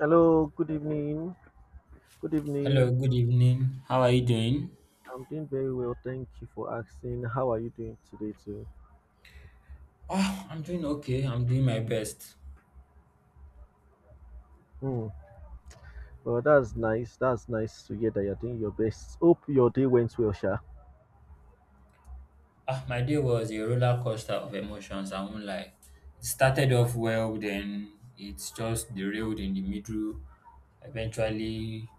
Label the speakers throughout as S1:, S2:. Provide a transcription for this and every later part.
S1: Hello, good evening. Good evening.
S2: Hello, good evening. How are you doing?
S1: I'm doing very well. Thank you for asking. How are you doing today, too?
S2: Ah, I'm doing okay. I'm doing my best.
S1: Hmm. Well, that's nice. That's nice to hear that you're doing your best. Hope your day went well, Sha.
S2: Ah, my day was a roller coaster of emotions. I won't lie. It started off well, then it's just derailed in the middle. Eventually,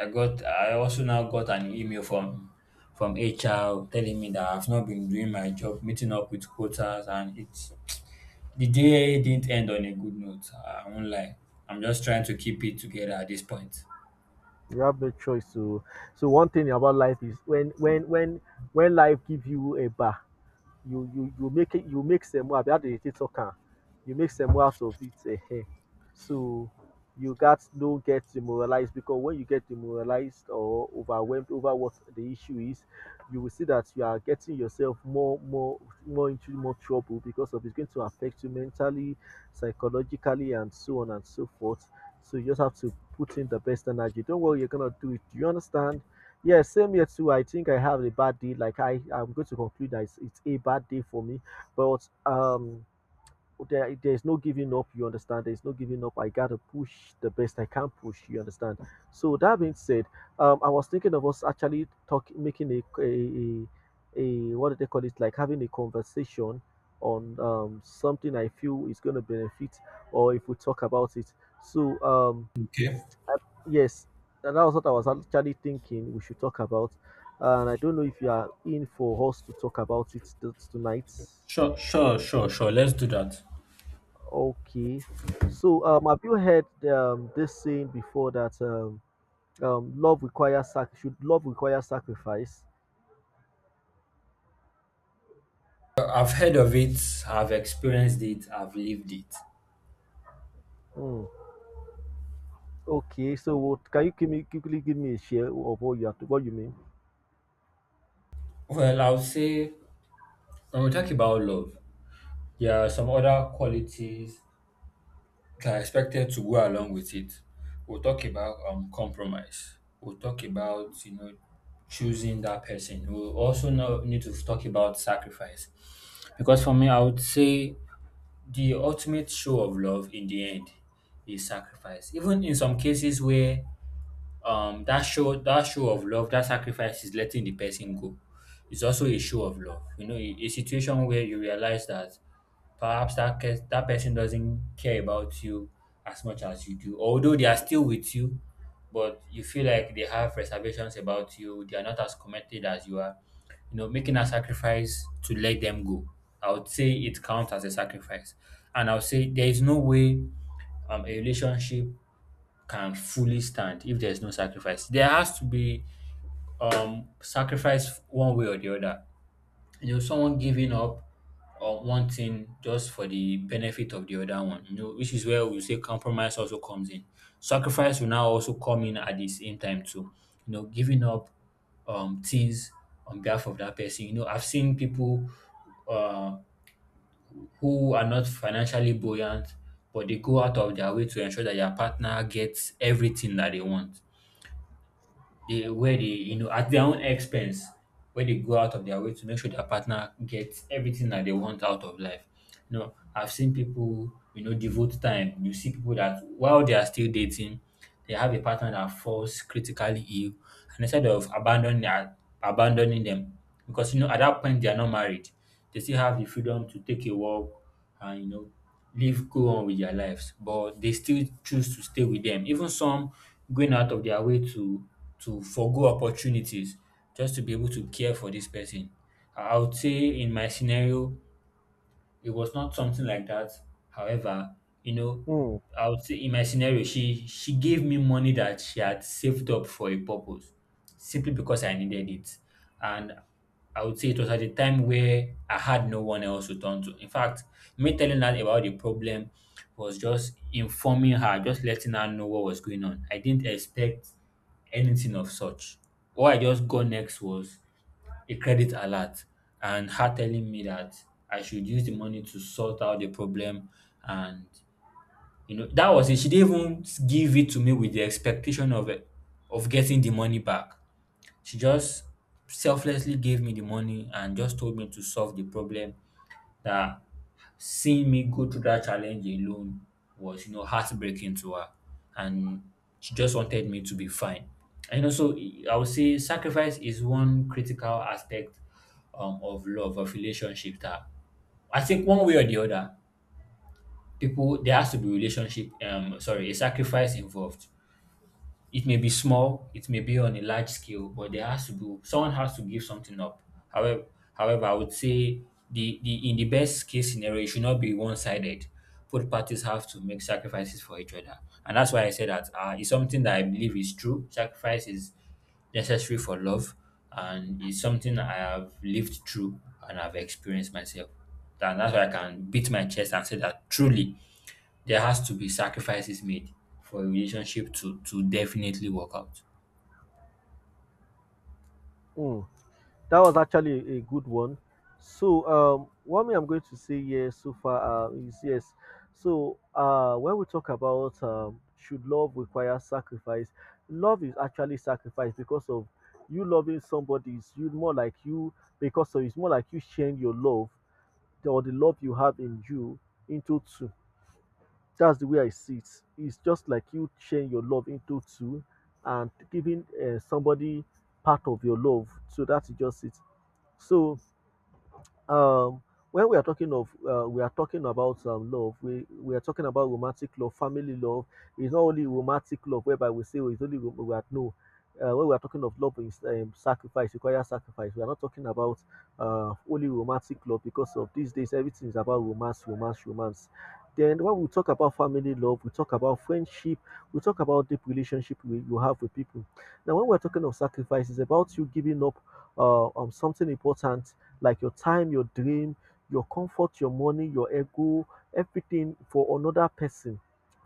S2: I got. I also now got an email from HR telling me that I've not been doing my job, meeting up with quotas, and it's the day didn't end on a good note. I won't lie. I'm just trying to keep it together at this point.
S1: You have no choice to. So one thing about life is when when life gives you a bar, you make it you make some more how do you talk You make some more out of it. So you got don't get demoralized, because when you get demoralized or overwhelmed over what the issue is, you will see that you are getting yourself more into more trouble because of it's going to affect you mentally, psychologically, and so on and so forth. So you just have to put in the best energy. Don't worry, you're gonna do it. Do you understand? Yeah, same here too. I think I have a bad day. Like I'm going to conclude that it's a bad day for me. But there's no giving up. You understand? There's no giving up. I gotta push the best I can push. You understand? So that being said, I was thinking of us actually talking, making a, a what do they call it? Like having a conversation on something I feel is gonna benefit, or if we talk about it. So um,
S2: Okay.
S1: Yes, and that was what I was actually thinking we should talk about. And I don't know if you are in for us to talk about it tonight.
S2: Sure, sure, sure, sure. Let's do that.
S1: Okay. So, have you heard this saying before that love requires should love require sacrifice?
S2: I've heard of it, I've experienced it, I've lived it.
S1: Hmm. Okay. So, can you give me quickly give me a share of what what you mean?
S2: Well, I would say when we talk about love, there are some other qualities that are expected to go along with it. We'll talk about compromise. We'll talk about, you know, choosing that person. We'll also now need to talk about sacrifice, because for me, I would say the ultimate show of love in the end is sacrifice. Even in some cases where that show of love, that sacrifice is letting the person go, it's also a show of love. You know, a situation where you realize that perhaps that case, that person doesn't care about you as much as you do, although they are still with you, but you feel like they have reservations about you, they are not as committed as you are. You know, making a sacrifice to let them go, I would say it counts as a sacrifice. And I would say there is no way a relationship can fully stand if there's no sacrifice. There has to be sacrifice one way or the other. You know, someone giving up on one thing just for the benefit of the other one. You know, which is where we say compromise also comes in. Sacrifice will now also come in at the same time too. You know, giving up things on behalf of that person. You know, I've seen people uh, who are not financially buoyant, but they go out of their way to ensure that their partner gets everything that they want. They where they, you know, at their own expense, where they go out of their way to make sure their partner gets everything that they want out of life. You know, I've seen people, you know, devote time. You see people that while they are still dating, they have a partner that falls critically ill, and instead of abandoning them, because you know at that point they are not married, they still have the freedom to take a walk and, you know, live go on with their lives. But they still choose to stay with them. Even some going out of their way to forgo opportunities just to be able to care for this person. I would say in my scenario, it was not something like that. However, you know,
S1: Hmm.
S2: I would say in my scenario, she gave me money that she had saved up for a purpose, simply because I needed it. And I would say it was at a time where I had no one else to turn to. In fact, me telling her about the problem was just informing her, just letting her know what was going on. I didn't expect anything of such. What I just got next was a credit alert and her telling me that I should use the money to sort out the problem. And you know, that was it. She didn't even give it to me with the expectation of it, of getting the money back. She just selflessly gave me the money and just told me to solve the problem, that seeing me go through that challenge alone was, you know, heartbreaking to her. And she just wanted me to be fine. And, you know, so I would say sacrifice is one critical aspect of love, of relationship that I think one way or the other, people, there has to be relationship, sorry, a sacrifice involved. It may be small, it may be on a large scale, but there has to be someone has to give something up. However, I would say the in the best case scenario, it should not be one sided. Both parties have to make sacrifices for each other, and that's why I say that it's something that I believe is true. Sacrifice is necessary for love, and it's something I have lived through and I've experienced myself. And that's why I can beat my chest and say that truly there has to be sacrifices made for a relationship to definitely work out.
S1: Hmm. That was actually a good one. So, what me I'm going to say here so far is yes. So, when we talk about should love require sacrifice, love is actually sacrifice because of you loving somebody is you more like you because of it's more like you sharing your love or the love you have in you into two. That's the way I see it. It's just like you sharing your love into two and giving somebody part of your love. So that's just it. So um when we are talking of we are talking about love, we are talking about romantic love, family love. It's not only romantic love whereby we say oh, it's only we are no. When we are talking of love is sacrifice requires sacrifice, we are not talking about only romantic love, because of these days everything is about romance, romance, romance. Then when we talk about family love, we talk about friendship, we talk about deep relationship we, you have with people. Now when we're talking of sacrifice, it's about you giving up something important, like your time, your dream, your comfort, your money, your ego, everything for another person,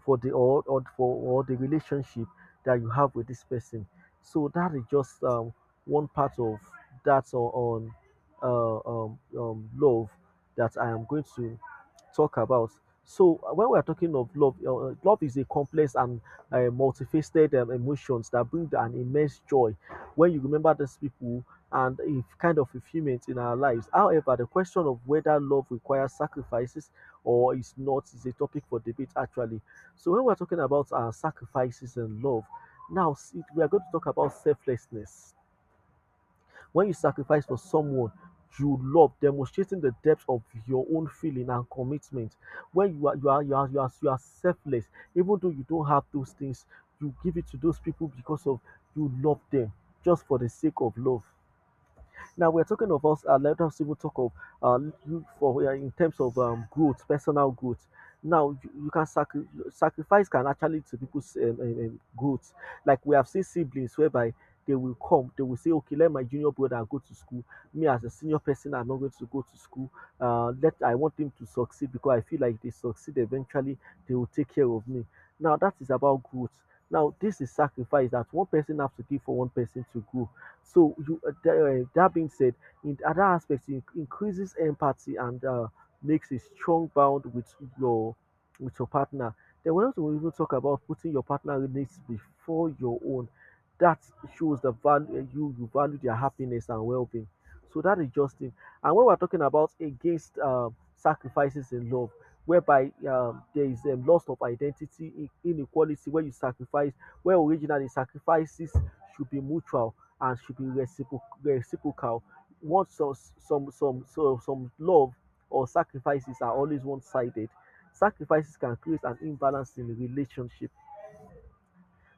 S1: for the or the relationship that you have with this person. So that is just one part of that on love that I am going to talk about. So when we are talking of love, love is a complex and multifaceted emotions that bring an immense joy. When you remember these people and a kind of fulfillment in our lives. However, the question of whether love requires sacrifices or is not is a topic for debate actually. So when we're talking about sacrifices and love, now we are going to talk about selflessness. When you sacrifice for someone you love, demonstrating the depth of your own feeling and commitment. When you are selfless, even though you don't have those things, you give it to those people because of you love them, just for the sake of love. Now we're talking of us. Let us even talk of uh, you for in terms of growth, personal growth. Now you can sacrifice can actually to people's growth. Like we have seen siblings whereby they will come, they will say, okay, let my junior brother go to school. Me as a senior person, I'm not going to go to school. Let I want them to succeed because I feel like they succeed eventually. They will take care of me. Now that is about growth. Now this is sacrifice that one person has to give for one person to grow. So that being said, in other aspects, it increases empathy and makes a strong bond your with your partner. Then we also even talk about putting your partner needs before your own. That shows the value you value their happiness and well-being. So that is just it. And when we're talking about against sacrifices in love, whereby there is a loss of identity, inequality, where you sacrifice, where originally sacrifices should be mutual and should be reciprocal. What some love or sacrifices are always one-sided. Sacrifices can create an imbalance in relationship.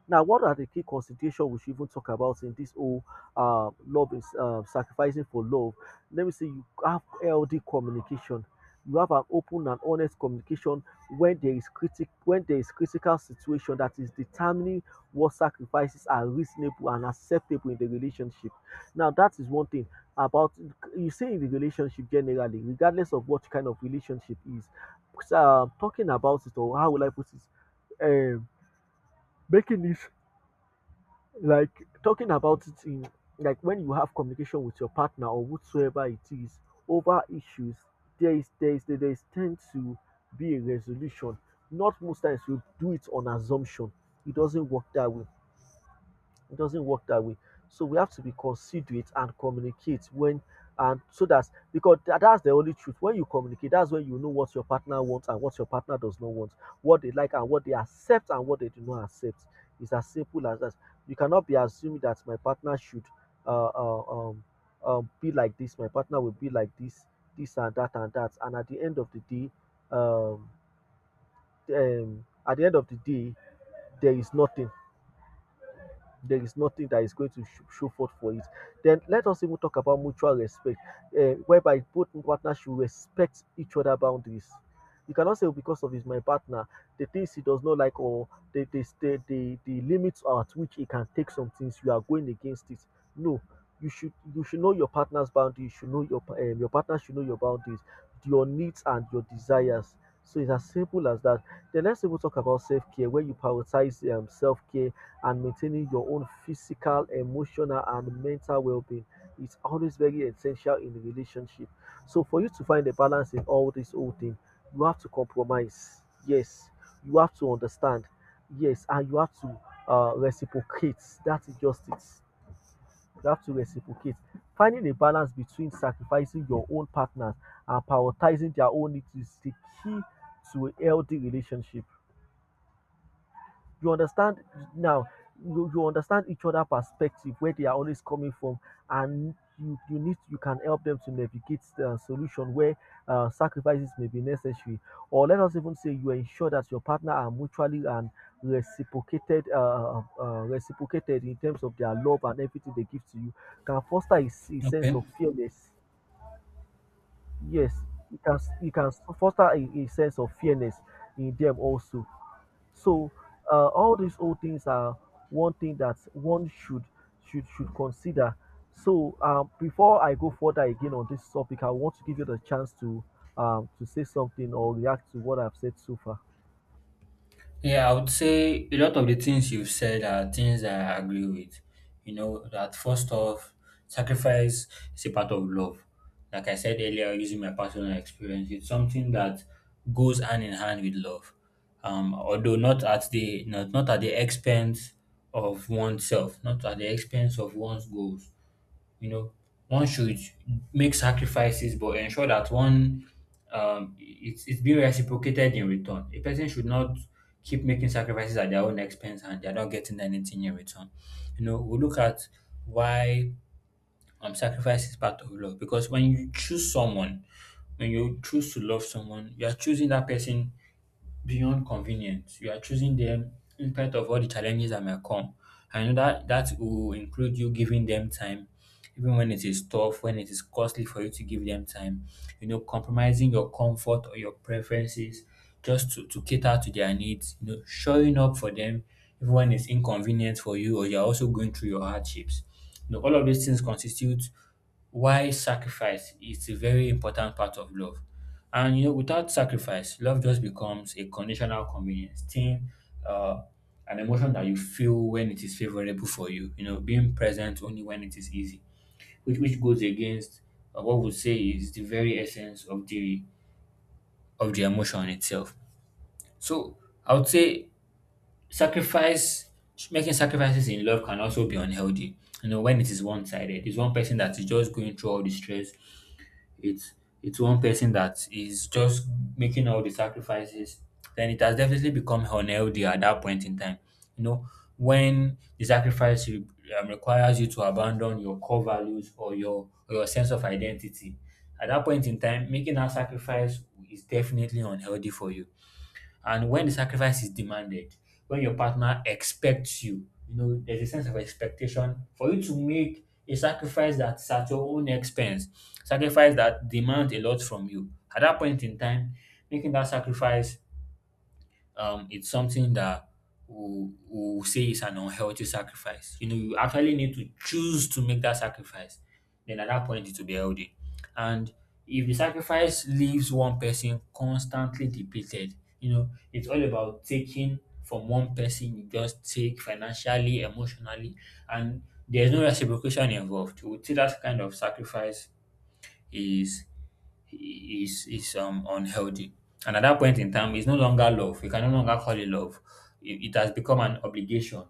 S1: Now, what are the key considerations we should even talk about in this whole love is sacrificing for love? Let me say you have healthy communication. You have an open and honest communication when there is critic when there is critical situation that is determining what sacrifices are reasonable and acceptable in the relationship. Now, that is one thing about you say in the relationship generally, regardless of what kind of relationship is. So, talking about it, or how will I put it? Um, making it like talking about it in like when you have communication with your partner or whatsoever it is over issues, there is there is there is tend to be a resolution. Not most times we do it on assumption. It doesn't work that way. It doesn't work that way. So we have to be considerate and communicate when and so that, because that's the only truth. When you communicate, that's when you know what your partner wants and what your partner does not want, what they like and what they accept and what they do not accept. It's as simple as that. You cannot be assuming that my partner should uh, uh, um, be like this, my partner will be like this and that and that. And at the end of the day, um, at the end of the day, there is nothing there is nothing that is going to show forth for it. Then let us even talk about mutual respect, whereby both partners should respect each other boundaries. You cannot say "Oh, because of he's my partner, the things he does not like, or the limits at which he can take some things, you are going against it." No, you should know your partner's boundaries. You should know your your partner should know your boundaries, your needs and your desires. So it's as simple as that. Then let's even talk about self care, where you prioritize self care and maintaining your own physical, emotional, and mental well being is always very essential in a relationship. So, for you to find a balance in all this whole thing, you have to compromise. Yes, you have to understand. Yes, and you have to reciprocate. That is just it. You have to reciprocate. Finding a balance between sacrificing your own partner and prioritizing their own needs is the key to a healthy relationship. You understand. Now you understand each other perspective where they are always coming from, and you need you can help them to navigate the solution where sacrifices may be necessary. Or let us even say you ensure that your partner are mutually and reciprocated in terms of their love and everything they give to you, can foster a sense
S2: Okay.
S1: of fearless. Yes, you can you can foster a sense of fairness in them also. So all these old things are one thing that one should consider. So before I go further again on this topic, I want to give you the chance to say something or react to what I've said so far.
S2: Yeah, I would say a lot of the things you've said are things that I agree with. You know, that first off, sacrifice is a part of love. Like I said earlier, using my personal experience, it's something that goes hand in hand with love. Although not, not at the expense of oneself, not at the expense of one's goals. You know, one should make sacrifices but ensure that one it's being reciprocated in return. A person should not keep making sacrifices at their own expense and they're not getting anything in return. You know, we look at why sacrifice is part of love because when you choose someone, when you choose to love someone, you are choosing that person beyond convenience. You are choosing them in spite of all the challenges that might come. I know that that will include you giving them time, even when it is tough, when it is costly for you to give them time. You know, compromising your comfort or your preferences just to cater to their needs. You know, showing up for them even when it's inconvenient for you or you're also going through your hardships. You know, all of these things constitute why sacrifice is a very important part of love. And you know, without sacrifice, love just becomes a conditional convenience thing, uh, an emotion that you feel when it is favorable for you. You know, being present only when it is easy, which goes against what we say is the very essence of the emotion itself. So I would say sacrifice, making sacrifices in love can also be unhealthy. You know, when it is one sided, it's one person that is just going through all the stress, it's one person that is just making all the sacrifices, then it has definitely become unhealthy at that point in time. You know, when requires you to abandon your core values or your sense of identity, at that point in time making that sacrifice is definitely unhealthy for you. And when the sacrifice is demanded, when your partner expects you, you know, there's a sense of expectation for you to make a sacrifice that's at your own expense, sacrifice that demands a lot from you. At that point in time, making that sacrifice it's something that we will say is an unhealthy sacrifice. You know, you actually need to choose to make that sacrifice. Then at that point, it will be healthy. And if the sacrifice leaves one person constantly depleted, you know, it's all about taking from one person, you just take financially, emotionally, and there's no reciprocation involved. We would say that kind of sacrifice is unhealthy. And at that point in time, it's no longer love. You can no longer call it love. It has become an obligation,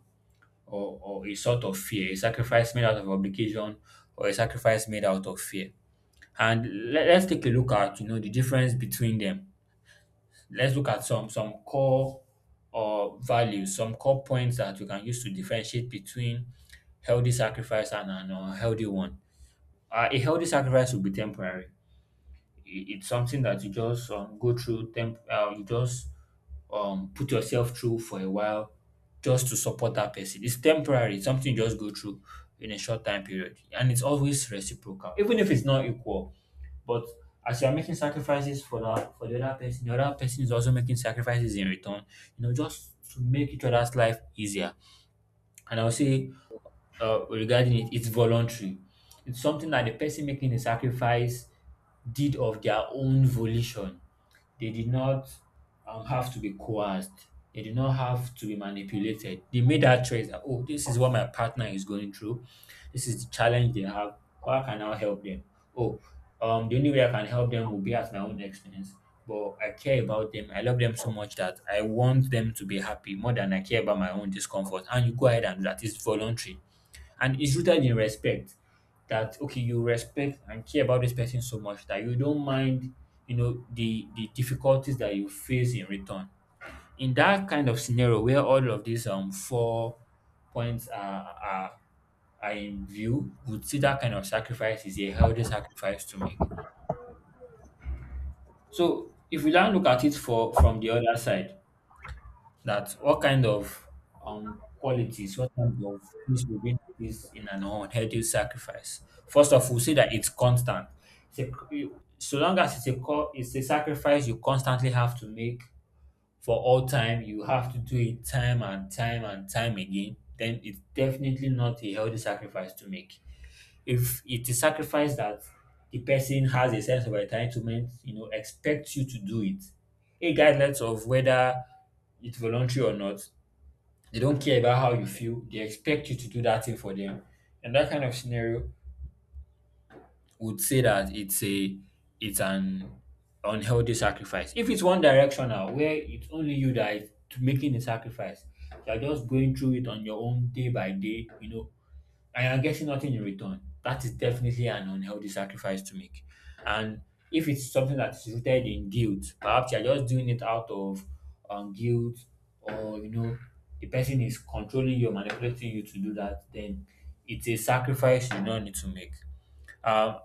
S2: or a sort of fear, a sacrifice made out of obligation or a sacrifice made out of fear. And let's take a look at, you know, the difference between them. Let's look at some core or values, some core points that we can use to differentiate between healthy sacrifice and an unhealthy one. A healthy sacrifice will be temporary. It's something that you just go through temp you just put yourself through for a while just to support that person. It's temporary, it's something you just go through in a short time period, and it's always reciprocal even if it's not equal. But as you're making sacrifices for that for the other person, the other person is also making sacrifices in return, you know, just to make each other's life easier. And I'll say regarding it, it's voluntary. It's something that the person making the sacrifice did of their own volition. They did not have to be coerced. They did not have to be manipulated. They made that choice that, oh, this is what my partner is going through. This is the challenge they have. How can I help them? Oh, the only way I can help them will be at my own expense. But I care about them. I love them so much that I want them to be happy more than I care about my own discomfort. And you go ahead and do that. It's voluntary. And it's rooted in respect that okay, you respect and care about this person so much that you don't mind, the difficulties that you face in return. In that kind of scenario where all of these 4 points are in view, would see that kind of sacrifice is a healthy sacrifice to make. So if we now look at it for from the other side, that what kind of qualities, what kind of things will be this in an unhealthy sacrifice? First of all, say that it's constant. So long as it's a sacrifice you constantly have to make for all time, you have to do it time and time and time again. Then it's definitely not a healthy sacrifice to make. If it's a sacrifice that the person has a sense of entitlement, you know, expects you to do it, regardless of whether it's voluntary or not, they don't care about how you feel. They expect you to do that thing for them. And that kind of scenario would say that it's an unhealthy sacrifice. If it's one directional where it's only you that is making the sacrifice, you're just going through it on your own day by day, you know, I am getting nothing in return. That is definitely an unhealthy sacrifice to make. And if it's something that is rooted in guilt, perhaps you're just doing it out of guilt, or you know, the person is controlling you, manipulating you to do that, then it's a sacrifice you don't need to make. Um,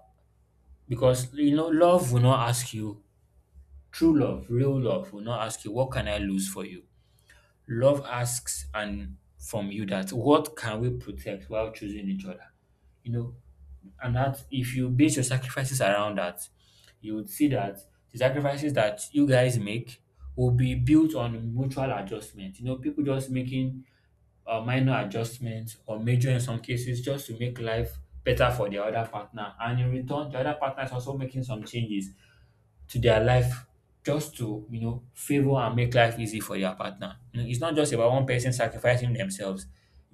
S2: because you know, love will not ask you, true love, real love will not ask you, what can I lose for you? Love asks and from you that what can we protect while choosing each other? You know. And that if you base your sacrifices around that, you would see that the sacrifices that you guys make will be built on mutual adjustment. You know, people just making minor adjustments or major in some cases just to make life better for their other partner. And in return, the other partner is also making some changes to their life just to, you know, favor and make life easy for their partner. You know, it's not just about one person sacrificing themselves,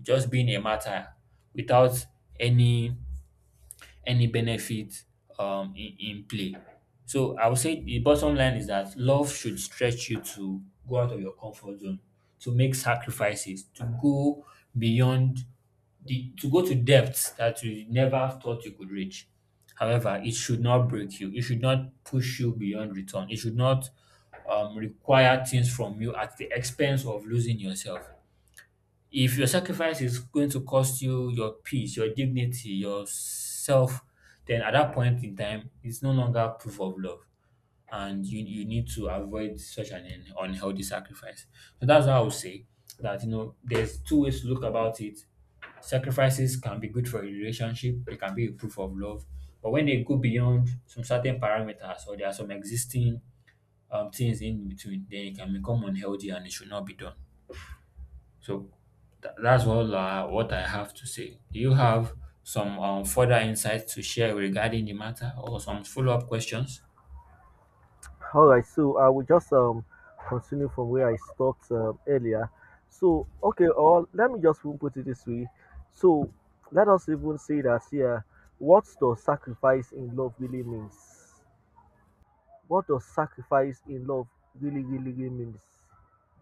S2: just being a martyr without any any benefit in play. So I would say the bottom line is that love should stretch you to go out of your comfort zone, to make sacrifices, to go beyond the to go to depths that you never thought you could reach. However, it should not break you. It should not push you beyond return. It should not require things from you at the expense of losing yourself. If your sacrifice is going to cost you your peace, your dignity, yourself, then at that point in time, it's no longer proof of love. And you need to avoid such an unhealthy sacrifice. So that's how I would say that, you know, there's 2 ways to look about it. Sacrifices can be good for a relationship, they can be a proof of love. But when they go beyond some certain parameters or there are some existing things in between, then it can become unhealthy and it should not be done. So that's all what I have to say. Do you have some further insights to share regarding the matter or some follow up questions?
S1: All right, so I will just continue from where I stopped earlier. So okay, or let me just even put it this way. So let us even say that here, what does sacrifice in love really means? What does sacrifice in love really means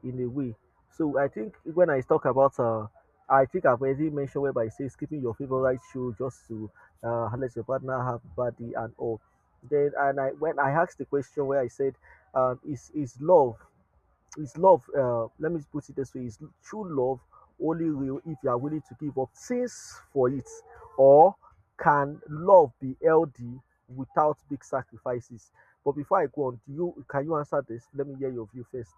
S1: in a way. So I think when I talk about, I think I've already mentioned whereby it says keeping your favorite shoe just to let your partner have body and all. Then and I when I asked the question where I said, is love his love, let me put it this way, is true love only real if you are willing to give up things for it, or can love be healthy without big sacrifices? But before I go on, do you can you answer this? Let me hear your view first.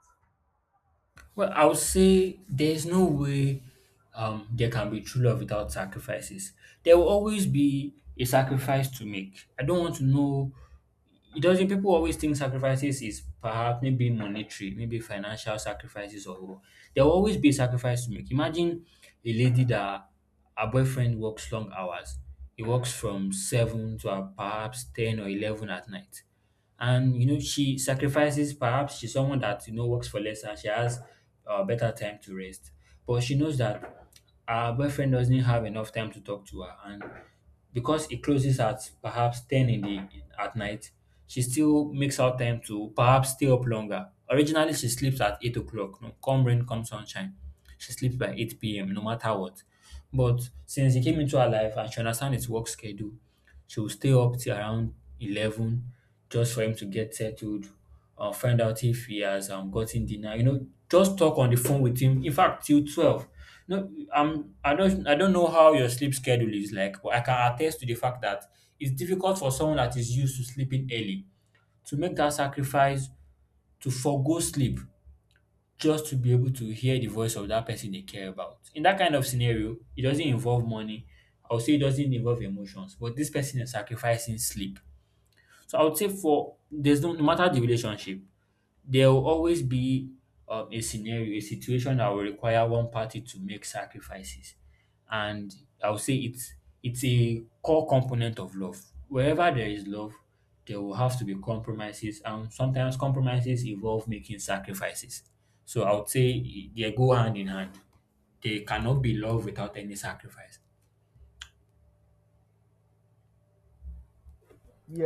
S2: Well, I would say there's no way there can be true love without sacrifices. There will always be a sacrifice to make. I don't want to know, it doesn't, people always think sacrifices is perhaps maybe monetary, maybe financial sacrifices, or there will always be a sacrifice to make. Imagine a lady that her boyfriend works long hours. He works from 7 to perhaps 10 or 11 at night, and you know she sacrifices. Perhaps she's someone that you know works for less and she has better time to rest, but she knows that her boyfriend doesn't have enough time to talk to her, and because it closes at perhaps 10 in the at night, she still makes out time to perhaps stay up longer. Originally she sleeps at 8 o'clock, no, come rain come sunshine, she sleeps by 8 p.m. no matter what. But since he came into her life and she understands his work schedule, she will stay up till around 11 just for him to get settled, find out if he has gotten dinner, you know, just talk on the phone with him. In fact, till 12. No, I don't know how your sleep schedule is like, but I can attest to the fact that it's difficult for someone that is used to sleeping early to make that sacrifice, to forego sleep just to be able to hear the voice of that person they care about. In that kind of scenario, it doesn't involve money. I would say it doesn't involve emotions, but this person is sacrificing sleep. So I would say for there's no, no matter the relationship, there will always be a scenario, a situation that will require one party to make sacrifices, and I would say it's a core component of love. Wherever there is love, there will have to be compromises, and sometimes compromises involve making sacrifices. So I would say they go hand in hand. They cannot be love without any sacrifice.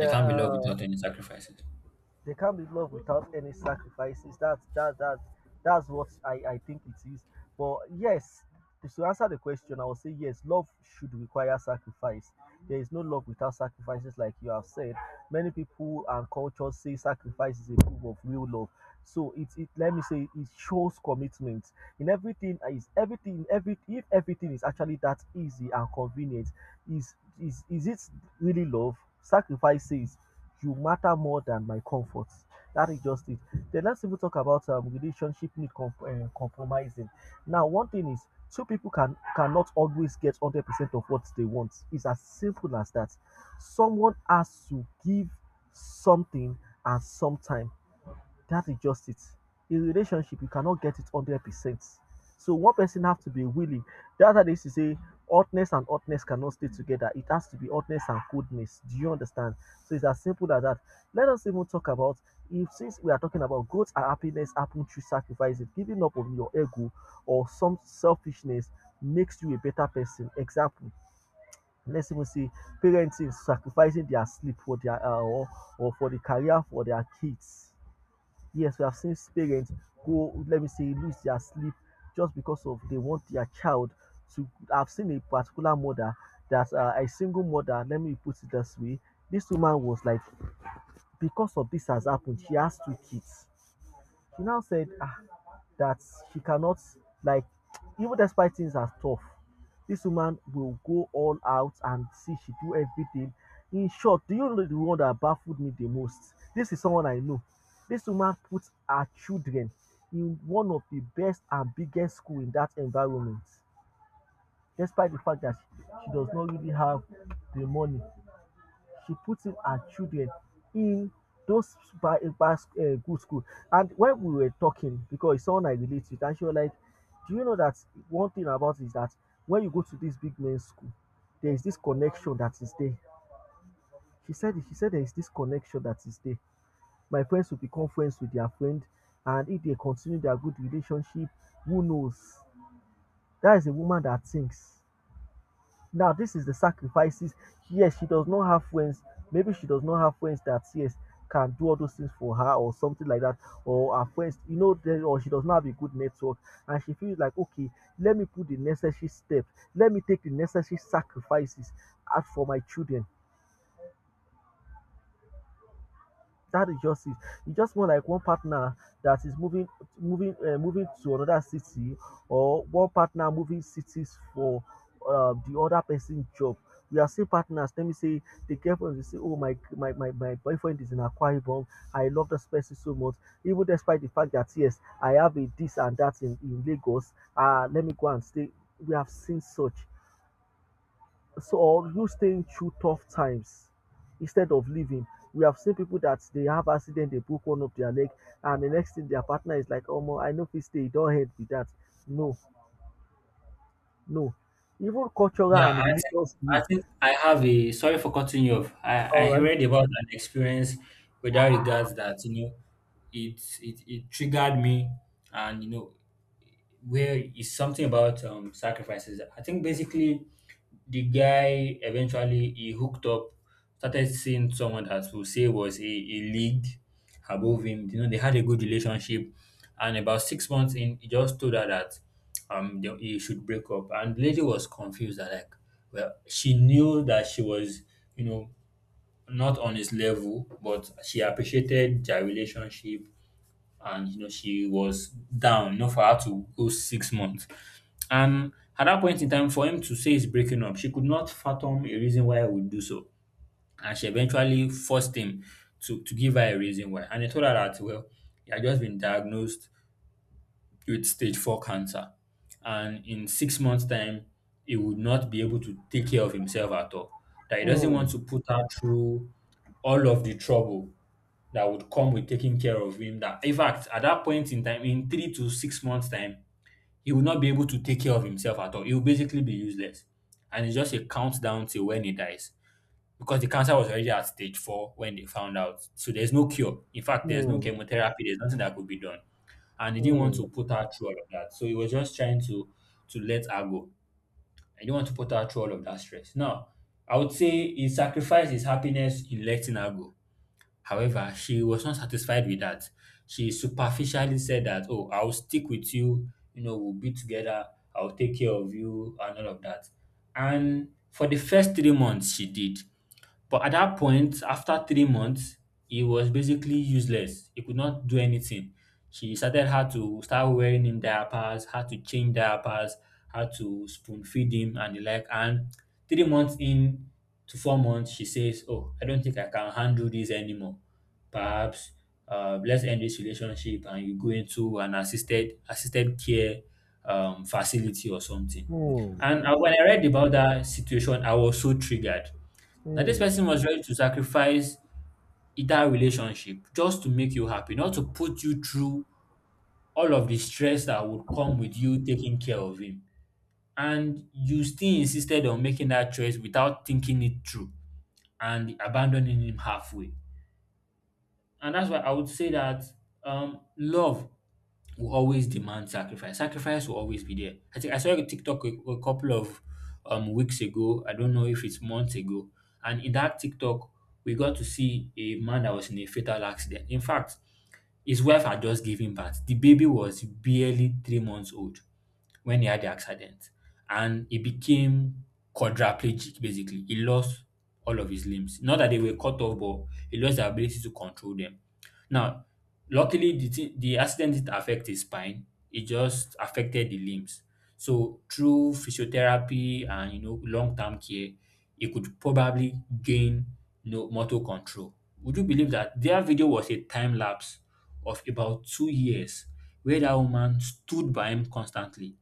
S2: They can't be love without any sacrifices.
S1: they can't be loved without any sacrifices. That's that's what I think it is. But yes, to answer the question, I will say yes, love should require sacrifice. There is no love without sacrifices, like you have said. Many people and cultures say sacrifice is a proof of real love. So it let me say it shows commitment in everything. Is everything every if everything is actually that easy and convenient, is is it really love? Sacrifices. You matter more than my comfort. That is just it. Then let's even talk about relationship need compromising. Now, one thing is two people cannot always get 100% of what they want. It's as simple as that. Someone has to give something, and sometimes that is just it. In relationship, you cannot get it 100%. So one person have to be willing. That's why they used to say hotness and hotness cannot stay together. It has to be hotness and coldness. Do you understand? So it's as simple as that. Let us even talk about, if since we are talking about growth and happiness happen through sacrifices, giving up on your ego or some selfishness makes you a better person. Example. Let's even say parents sacrificing their sleep for their or for the career for their kids. Yes, we have seen parents go, let me say, lose their sleep just because of they want their child to. I've seen a particular mother that a single mother. Let me put it this way: this woman was like, because of this has happened, she has two kids. She now said, ah, that she cannot, like, even despite things are tough, this woman will go all out and see she do everything. In short, do you know the one that baffled me the most? This is someone I know. This woman puts her children in one of the best and biggest school in that environment. Despite the fact that she does not really have the money, she puts in her children in those by good school. And when we were talking, because it's someone I relate with, and she was like, do you know that one thing about it is that when you go to this big men's school, there is this connection that is there. She said there is this connection that is there. My friends will become friends with their friend, and if they continue their good relationship, who knows? That is a woman that thinks. Now, this is the sacrifices. Yes, she does not have friends. Maybe she does not have friends that yes can do all those things for her or something like that. Or her friends, you know, they- or she does not have a good network, and she feels like, okay, let me put the necessary steps. Let me take the necessary sacrifices out for my children. That is just it. You just want like one partner that is moving, moving to another city, or one partner moving cities for the other person's job. We are still partners. Let me say the girlfriend will say, "Oh my boyfriend is in Akwa Ibom. I love this person so much, even despite the fact that yes, I have a this and that in Lagos. Ah, let me go and stay." We have seen such. So or you staying through tough times instead of leaving. We have seen people that they have accident, they broke one of their leg, and the next thing their partner is like, "Oh, mo, I know if they stay, don't help with that." No, no. Even cultural
S2: Yeah,
S1: and religious
S2: I
S1: view.
S2: think I have a, sorry for cutting you off.
S1: All
S2: I
S1: right.
S2: read about an experience with that regards that you know it triggered me, and you know, where it's something about sacrifices. I think basically the guy eventually he hooked up, started seeing someone that we say was a league above him. You know, they had a good relationship, and about 6 months in, he just told her that they, he should break up, and the lady was confused. That like, well, she knew that she was you know not on his level, but she appreciated their relationship, and you know she was down, you know, for her to go 6 months and at that point in time for him to say he's breaking up, she could not fathom a reason why he would do so. And she eventually forced him to give her a reason why, and he told her that well, he had just been diagnosed with stage 4 cancer, and in 6 months time he would not be able to take care of himself at all, that he doesn't want
S1: Mm,
S2: to put her through all of the trouble that would come with taking care of him, that in fact at that point in time, in 3 to 6 months time, he will not be able to take care of himself at all, he will basically be useless, and it's just a countdown till when he dies, because the cancer was already at stage 4 when they found out, so there's no cure, in fact there's no
S1: mm,
S2: chemotherapy, there's nothing that could be done. And he didn't want
S1: mm,
S2: to put her through all of that, so he was just trying to let her go. He didn't want to put her through all of that stress. Now, I would say he sacrificed his happiness in letting her go. However, she was not satisfied with that. She superficially said that, "Oh, I'll stick with you. You know, we'll be together. I'll take care of you and all of that." And for the first 3 months, she did. But at that point, after 3 months, he was basically useless. He could not do anything. She started how to start wearing him diapers, how to change diapers, how to spoon feed him and the like. And 3 months in to 4 months, she says, "Oh, I don't think I can handle this anymore. Perhaps let's end this relationship and you go into an assisted care facility or something."
S1: mm,
S2: And when I
S1: mm,
S2: read about that situation, I was so triggered. That this
S1: mm.
S2: person was ready to sacrifice either relationship just to make you happy, not to put you through all of the stress that would come with you taking care of him. And you still insisted on making that choice without thinking it through and abandoning him halfway. And that's why I would say that love will always demand sacrifice. Sacrifice will always be there. I think I saw a TikTok a couple of weeks ago. I don't know if it's months ago. And in that TikTok, we got to see a man that was in a fatal accident. In fact, his wife had just given birth. The baby was barely 3 months old when he had the accident, and he became quadriplegic. Basically, he lost all of his limbs. Not that they were cut off, but he lost the ability to control them. Now, luckily the accident didn't affect his spine, it just affected the limbs. So through physiotherapy and long-term care, he could probably gain motor control. Would you believe that their video was a time lapse of about 2 years where that woman stood by him constantly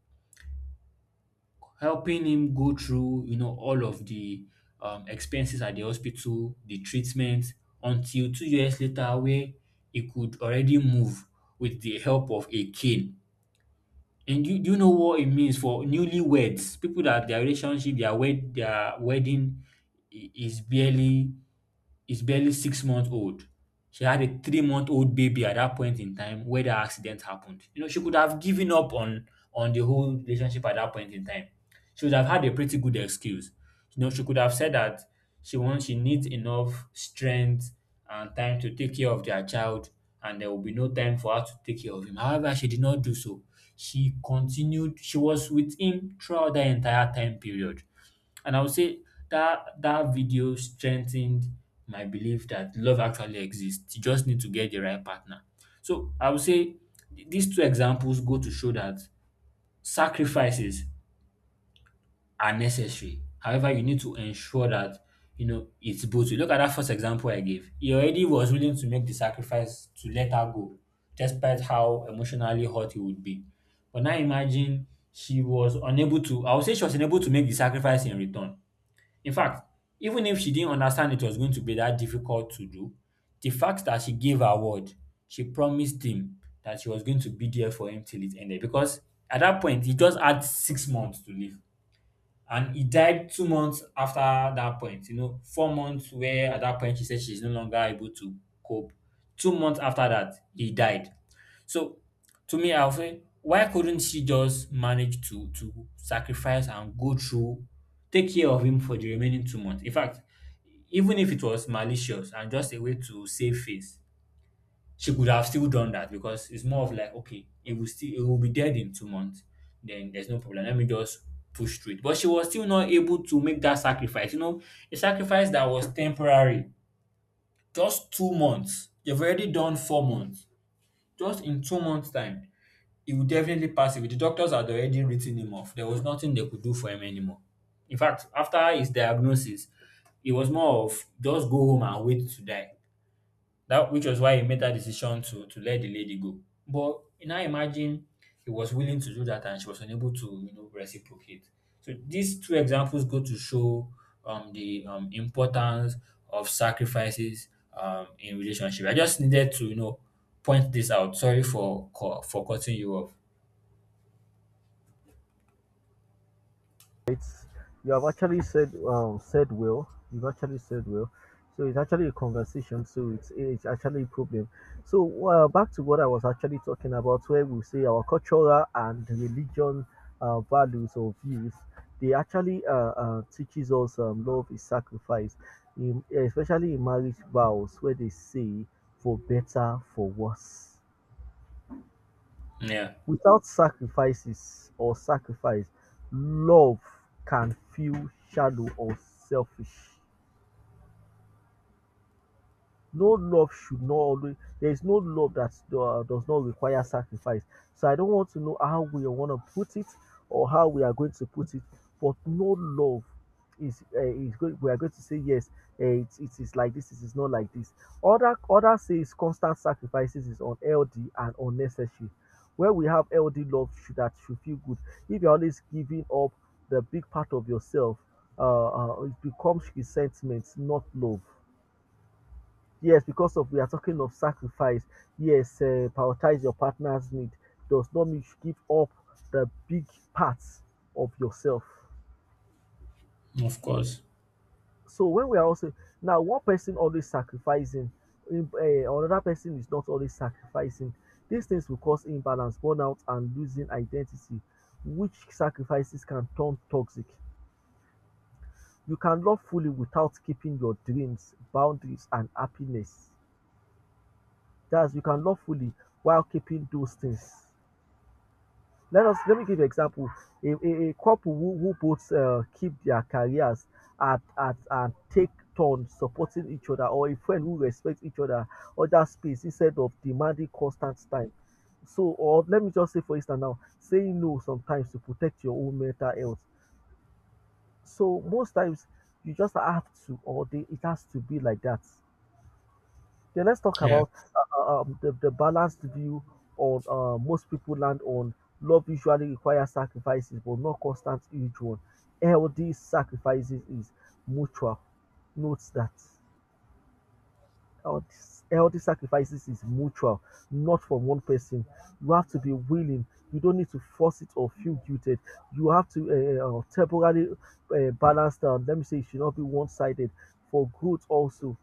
S2: helping him go through all of the expenses at the hospital, the treatment, until 2 years later, where he could already move with the help of a cane. And you, do you know what it means for newlyweds? People that their relationship, their wedding i- is barely is barely 6 months old. She had a 3 month old baby at that point in time where the accident happened. You know, she could have given up on the whole relationship at that point in time. She would have had a pretty good excuse. You know, she could have said that she needs enough strength and time to take care of their child and there will be no time for her to take care of him. However, she did not do so. She continued, she was with him throughout the entire time period. And I would say that that video strengthened my belief that love actually exists. You just need to get the right partner. So I would say these two examples go to show that sacrifices are necessary. However, you need to ensure that it's both. You look at that first example I gave. He already was willing to make the sacrifice to let her go, despite how emotionally hurt he would be. But now imagine she was unable to, I would say she was unable to make the sacrifice in return. In fact, even if she didn't understand it was going to be that difficult to do, the fact that she gave her word, she promised him that she was going to be there for him till it ended. Because at that point, he just had 6 months to live. And he died 2 months after that point, you know, 4 months where at that point she said she's no longer able to cope. 2 months after that, he died. So to me, I'll say, why couldn't she just manage to sacrifice and go through, take care of him for the remaining 2 months? In fact, even if it was malicious and just a way to save face, she could have still done that because it's more of like, okay, it will still it will be dead in 2 months. Then there's no problem. Let me just push through it. But she was still not able to make that sacrifice. You know, a sacrifice that was temporary, just 2 months. You've already done 4 months. Just in 2 months' time, he would definitely pass away. The doctors had already written him off. There was nothing they could do for him anymore. In fact, after his diagnosis, it was more of just go home and wait to die. That which was why he made that decision to let the lady go. But now imagine he was willing to do that and she was unable to reciprocate. So these two examples go to show the importance of sacrifices in relationship. I just needed to point this out. Sorry for cutting you off.
S1: It's, you have actually said said well, you've actually said well. So it's actually a conversation, so it's actually a problem. So back to what I was actually talking about, where we say our cultural and religion values or views, they actually teaches us love is sacrifice in, especially in marriage vows where they say, for better for worse.
S2: Yeah,
S1: Without sacrifices or sacrifice, love can feel shallow or selfish. No love should not always. There is no love that does not require sacrifice. So I don't want to know how we want to put it, or how we are going to put it, but no love is, is going we are going to say yes, it is like this, it is not like this. Other other says constant sacrifices is unhealthy and unnecessary, where we have healthy love should, that should feel good. If you're always giving up the big part of yourself, uh, it becomes resentment, not love. Yes, because of we are talking of sacrifice. Yes, prioritize your partner's need does not mean you should give up the big parts of yourself.
S2: of course.
S1: So when we are also now one person always sacrificing, another person is not always sacrificing. These things will cause imbalance, burnout, and losing identity, which sacrifices can turn toxic. You can love fully without keeping your dreams, boundaries, and happiness. That's, you can love fully while keeping those things. Let us, let me give you an example. A couple who both keep their careers at and take turns supporting each other, or a friend who respects each other, or that space instead of demanding constant time. So, or let me just say, for instance now, saying no sometimes to protect your own mental health. So most times you just have to, or they, it has to be like that. Okay, let's talk
S2: Yeah.
S1: about the balanced view on, most people land on love usually requires sacrifices, but not constant huge one. Healthy sacrifices is mutual. Note that healthy, healthy sacrifices is mutual, not from one person. You have to be willing. You don't need to force it or feel guilted. You have to temporarily balance down. Let me say, it should not be one-sided. For good also.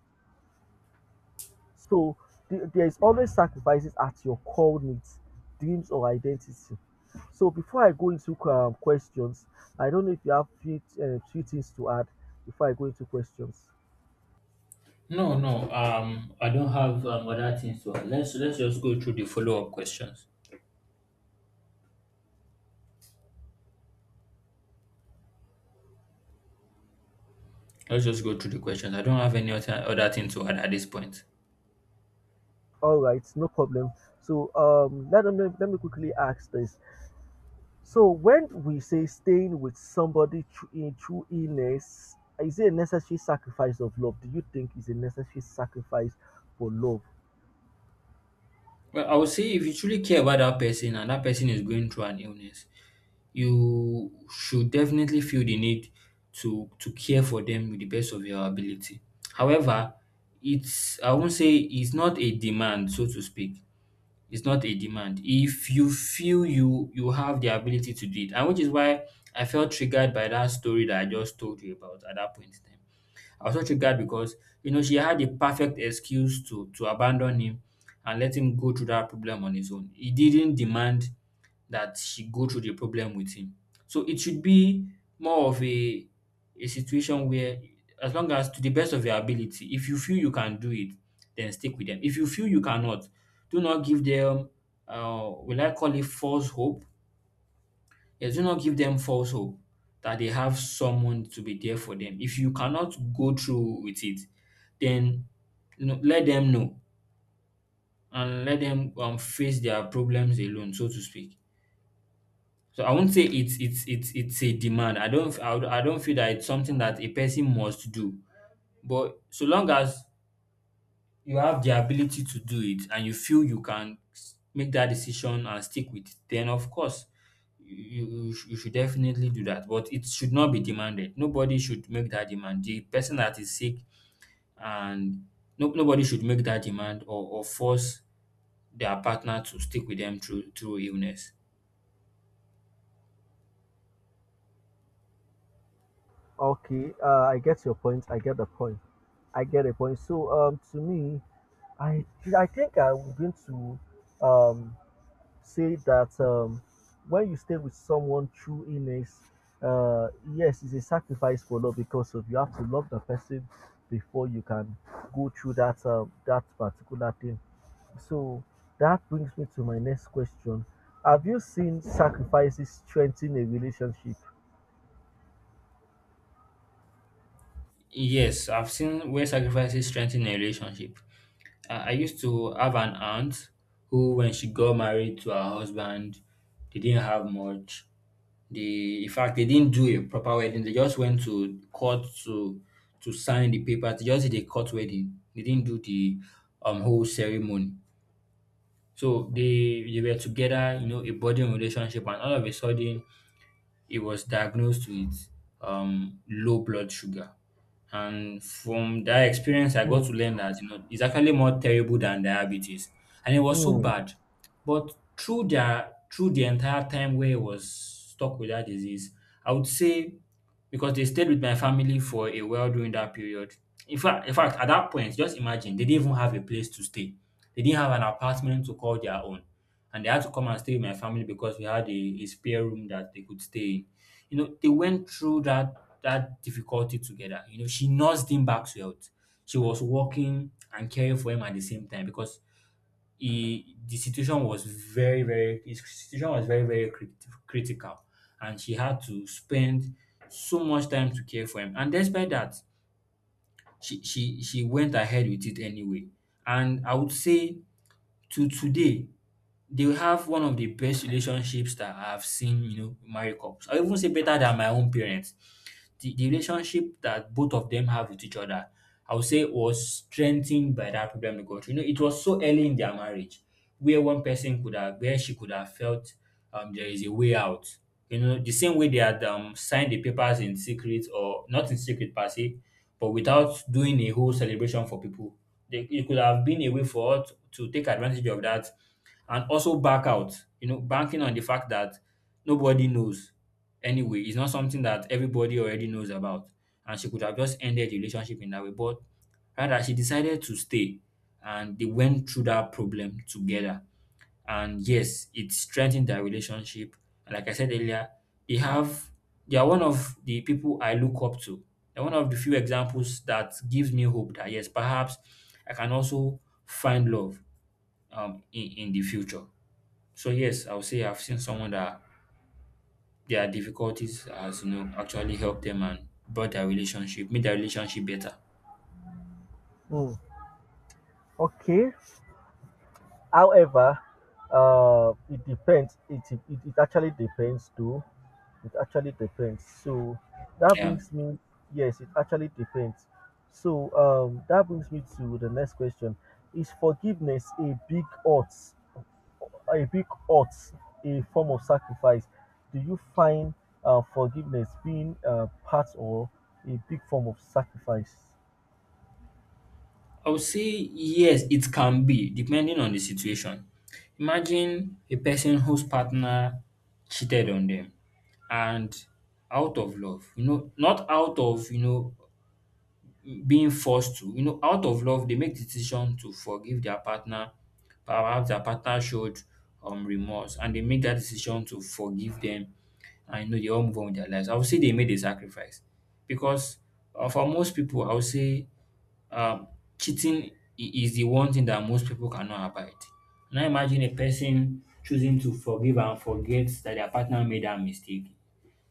S1: So there is always sacrifices at your core needs, dreams, or identity. So before I go into questions, I don't know if you have few, few things to add before I go into questions.
S2: No, no. I don't have other things to add. Let's just go through the follow up questions. Let's just go through the questions. I don't have any other thing to add at this point.
S1: All right, no problem. So let me quickly ask this. So when we say staying with somebody through, in, through illness, is it a necessary sacrifice of love? Do you think is a necessary sacrifice for love?
S2: Well, I would say if you truly care about that person and that person is going through an illness, you should definitely feel the need to care for them with the best of your ability. However, it's I won't say it's not a demand, so to speak. It's not a demand. If you feel you have the ability to do it, and which is why I felt triggered by that story that I just told you about at that point in time. I was so triggered because she had the perfect excuse to abandon him and let him go through that problem on his own. He didn't demand that she go through the problem with him. So it should be more of a situation where as long as to the best of your ability, if you feel you can do it, then stick with them. If you feel you cannot, do not give them will I call it false hope? Yes, do not give them false hope that they have someone to be there for them. If you cannot go through with it, then let them know and let them face their problems alone, so to speak. So I won't say it's a demand. I don't feel that it's something that a person must do. But so long as you have the ability to do it and you feel you can make that decision and stick with it, then of course you should definitely do that. But it should not be demanded. Nobody should make that demand. The person that is sick and no, nobody should make that demand or, force their partner to stick with them through illness.
S1: Okay, I get your point. I get the point. I get a point. So, to me, I I think I'm going to um say that when you stay with someone through illness, uh, yes, it's a sacrifice for love, because of you have to love the person before you can go through that that particular thing. So that brings me to my next question: have you seen sacrifices strengthen a relationship?
S2: Yes, I've seen where sacrifices strengthen a relationship. I used to have an aunt who, when she got married to her husband, they didn't have much. They, in fact, they didn't do a proper wedding. They just went to court to sign the papers. They just did a court wedding. They didn't do the whole ceremony. So they were together, you know, a budding relationship, and all of a sudden he was diagnosed with low blood sugar. And from that experience, I
S1: Hmm.
S2: got to learn that it's actually more terrible than diabetes, and it was so
S1: Hmm.
S2: bad. But through the entire time where I was stuck with that disease, I would say because they stayed with my family for a while during that period. In fact, at that point, just imagine they didn't even have a place to stay. They didn't have an apartment to call their own and they had to come and stay with my family because we had a, spare room that they could stay in. You know, they went through that difficulty together. You know, she nursed him back to health. She was working and caring for him at the same time because the situation was very, his situation was very, very critical, and she had to spend so much time to care for him. And despite that, she went ahead with it anyway. And I would say to today, they will have one of the best relationships that I've seen, you know, married couples. I even say better than my own parents. The relationship that both of them have with each other, I would say was strengthened by that problem they got through. You know, it was so early in their marriage where one person could have, where she could have felt there is a way out. You know, the same way they had signed the papers in secret or not in secret per se, but without doing a whole celebration for people. It could have been a way for us to take advantage of that and also back out, you know, banking on the fact that nobody knows anyway. It's not something that everybody already knows about. And she could have just ended the relationship in that way. But rather, she decided to stay and they went through that problem together. And yes, it strengthened their relationship. And like I said earlier, they have they are one of the people I look up to. They're one of the few examples that gives me hope that yes, perhaps I can also find love in, the future. So yes, I would say I've seen someone that their difficulties has actually helped them and brought their relationship, made their relationship better.
S1: Hmm. Okay, however, it depends. It, it actually depends too. It actually depends. So that
S2: Yeah.
S1: brings me, yes, it actually depends. So that brings me to the next question: is forgiveness a big odds? A big odds, a form of sacrifice? Do you find forgiveness being part or a big form of sacrifice?
S2: I would say yes, it can be depending on the situation. Imagine a person whose partner cheated on them and out of love, you know, not out of, you know, being forced to. You know, out of love, they make decision to forgive their partner. Perhaps their partner showed remorse, and they make that decision to forgive them, and you know they all move on with their lives. I would say they made a sacrifice because for most people, I would say um, cheating is the one thing that most people cannot abide. Now imagine a person choosing to forgive and forget that their partner made that mistake.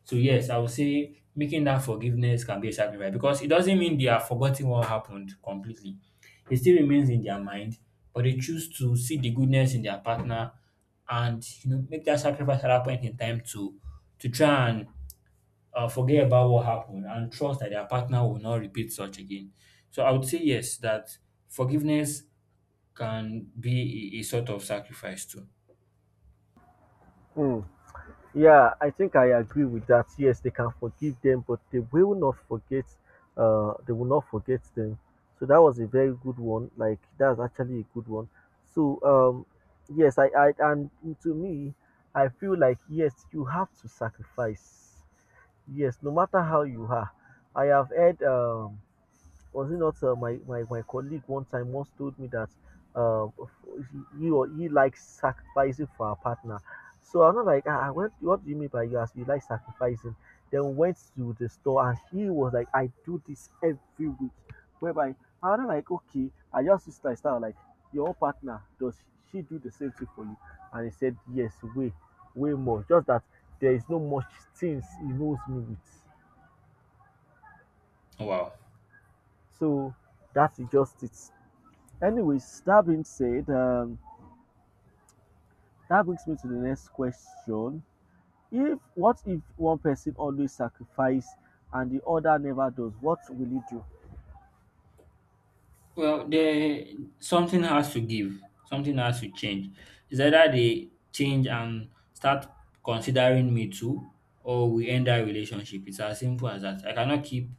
S2: So yes, I would say making that forgiveness can be a sacrifice because it doesn't mean they are forgetting what happened completely. It still remains in their mind, but they choose to see the goodness in their partner and you know make that sacrifice at that point in time to try and forget about what happened and trust that their partner will not repeat such again. So I would say yes, that forgiveness can be a sort of sacrifice too.
S1: Hmm. Yeah, I think I agree with that. Yes, they can forgive them, but they will not forget. They will not forget them. So that was a very good one. Like, that's actually a good one. So yes, I and to me, I feel like yes, you have to sacrifice. Yes, no matter how you are. I have heard was it not my colleague one time once told me that uh, he likes sacrificing for a partner. So I'm not like, ah, what do you mean by you as you like sacrificing? Then we went to the store and he was like, I do this every week. Whereby I'm not like, okay, I just used to start like, your partner does she do the same thing for you? And he said yes, way way more. Just that there is no much things he knows me with.
S2: Wow.
S1: So that's just it. Anyways, that being said, that brings me to the next question. If what if one person always sacrifice and the other never does, what will he do?
S2: Well, there something has to give, something has to change. It's either they change and start considering me too, or we end our relationship. It's as simple as that. I cannot keep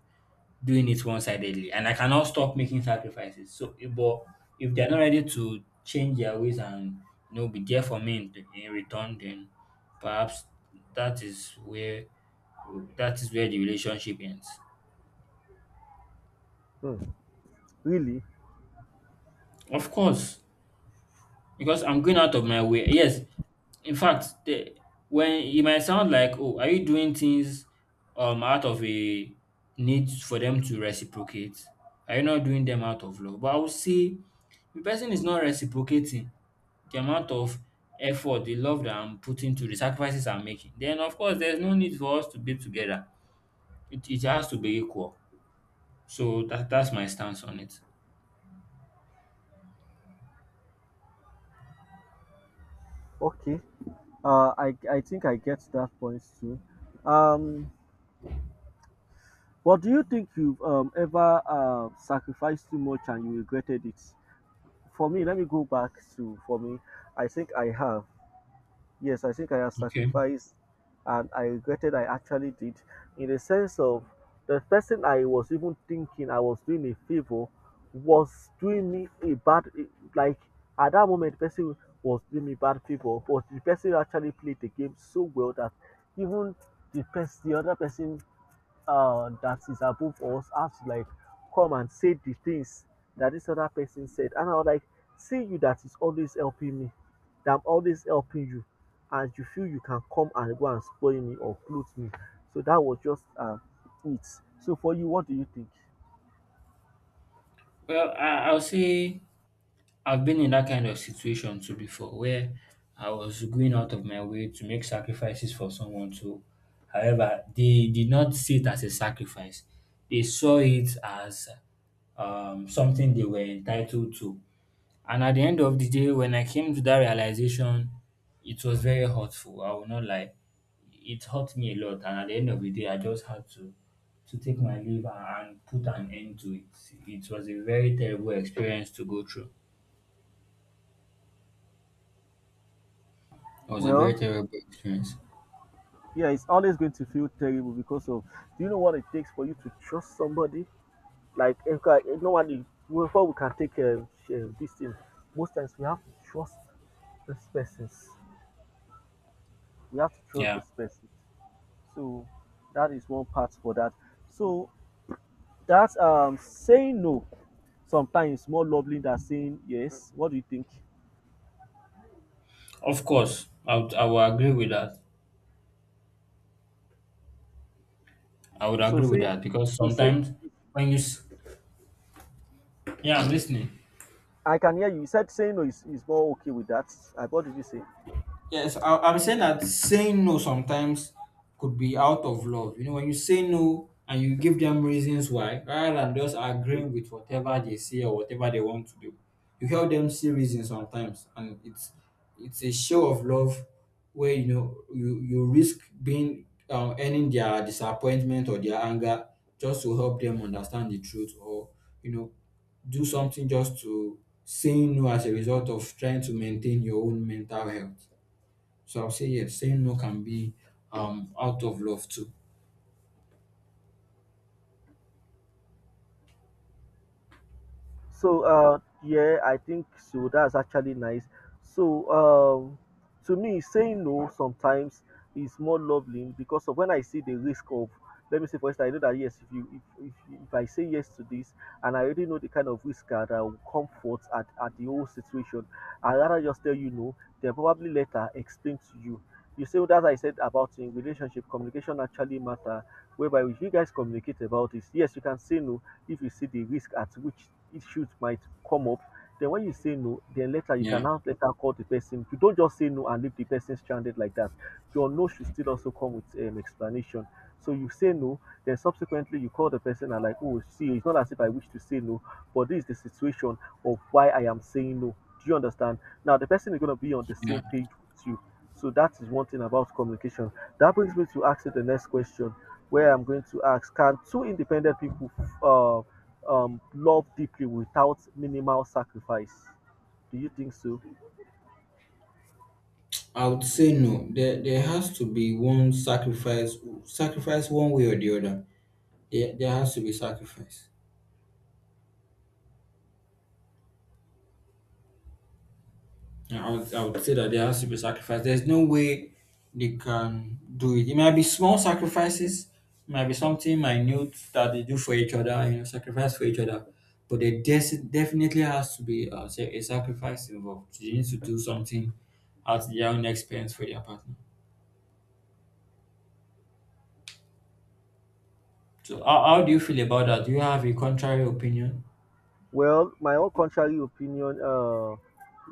S2: doing it one sidedly, and I cannot stop making sacrifices. So, but if they're not ready to change their ways and you know be there for me in return, then perhaps that is where that is where the relationship ends.
S1: Hmm. Really?
S2: Of course, because I'm going out of my way. Yes, in fact, when it might sound like, oh, are you doing things out of a need for them to reciprocate? Are you not doing them out of love? But I would say the person is not reciprocating the amount of effort, the love that I'm putting to the sacrifices I'm making. Then of course there's no need for us to be together. It has to be equal. So that's my stance on it.
S1: Okay. I think I get that point too. Um, but do you think you've ever sacrificed too much and you regretted it? For me, let me go back to for me. I think I have. Yes, I think I have
S2: Okay.
S1: sacrificed and I regretted. I actually did, in the sense of, the person I was even thinking I was doing a favor was doing me a bad, like, at that moment the person was doing me bad favor, but the person actually played the game so well that even the person, the other person, that is above us have to, like, come and say the things that this other person said. And I was like, see you that is always helping me, that I'm always helping you, and you feel you can come and go and spoil me or clothe me. So that was just it. So for you, what do you think?
S2: Well, I'll say I've been in that kind of situation too before where I was going out of my way to make sacrifices for someone too. However, they did not see it as a sacrifice. They saw it as something they were entitled to. And at the end of the day, when I came to that realization, it was very hurtful. I will not lie. It hurt me a lot. And at the end of the day, I just had to take my leave and put an end to it. It was a very terrible experience to go through. It was a very
S1: Well,
S2: terrible experience.
S1: yeah, it's always going to feel terrible because of, do you know what it takes for you to trust somebody? Like if normally before we can take this thing, most times we have to trust this persons. We have to trust
S2: Yeah,
S1: this person. So that is one part for that. So that saying no sometimes more lovely than saying yes. What do you think?
S2: of course, I would agree with that. I would
S1: So
S2: agree with
S1: say
S2: that because
S1: so say.
S2: sometimes when you, s- yeah, I'm listening.
S1: I can hear you. You said saying no is, is more okay with that. I what did you say?
S2: Yes, I'm saying that saying no sometimes could be out of love. You know, when you say no and you give them reasons why, rather than just agreeing with whatever they say or whatever they want to do, you help them see reasons sometimes, and it's a show of love where you know you risk being earning their disappointment or their anger just to help them understand the truth or you know do something just to saying no as a result of trying to maintain your own mental health. So I'll say yes. Saying no can be out of love too.
S1: So yeah, I think so. That's actually nice. So um, to me saying no sometimes is more lovely because of when I see the risk of, let me say for instance, I know that yes, if you if I say yes to this and I already know the kind of risk that I will come forth at the whole situation, I rather just tell you no, then probably later explain to you. You see, what I said about in relationship, communication actually matter, whereby if you guys communicate about this, yes, you can say no, if you see the risk at which issues might come up, then when you say no then later you can
S2: Yeah,
S1: now later call the person. You don't just say no and leave the person stranded like that. Your no should still also come with an explanation. So you say no, then subsequently you call the person and like, oh, see, it's not as if I wish to say no, but this is the situation of why I am saying no. Do you understand? Now the person is going to be on the
S2: yeah.
S1: same page with you. So that is one thing about communication, that brings me to ask you the next question, where I'm going to ask, can two independent people uh, love deeply without minimal sacrifice? Do you think so?
S2: I would say no. There has to be one sacrifice sacrifice one way or the other. There has to be sacrifice. Yeah, I would say that there has to be sacrifice. There's no way they can do it. It might be small sacrifices, it might be something minute that they do for each other, you know, sacrifice for each other. But there definitely has to be a sacrifice involved. They need to do something at their own expense for their partner. So, how do you feel about that? Do you have a contrary opinion?
S1: Well, my own contrary opinion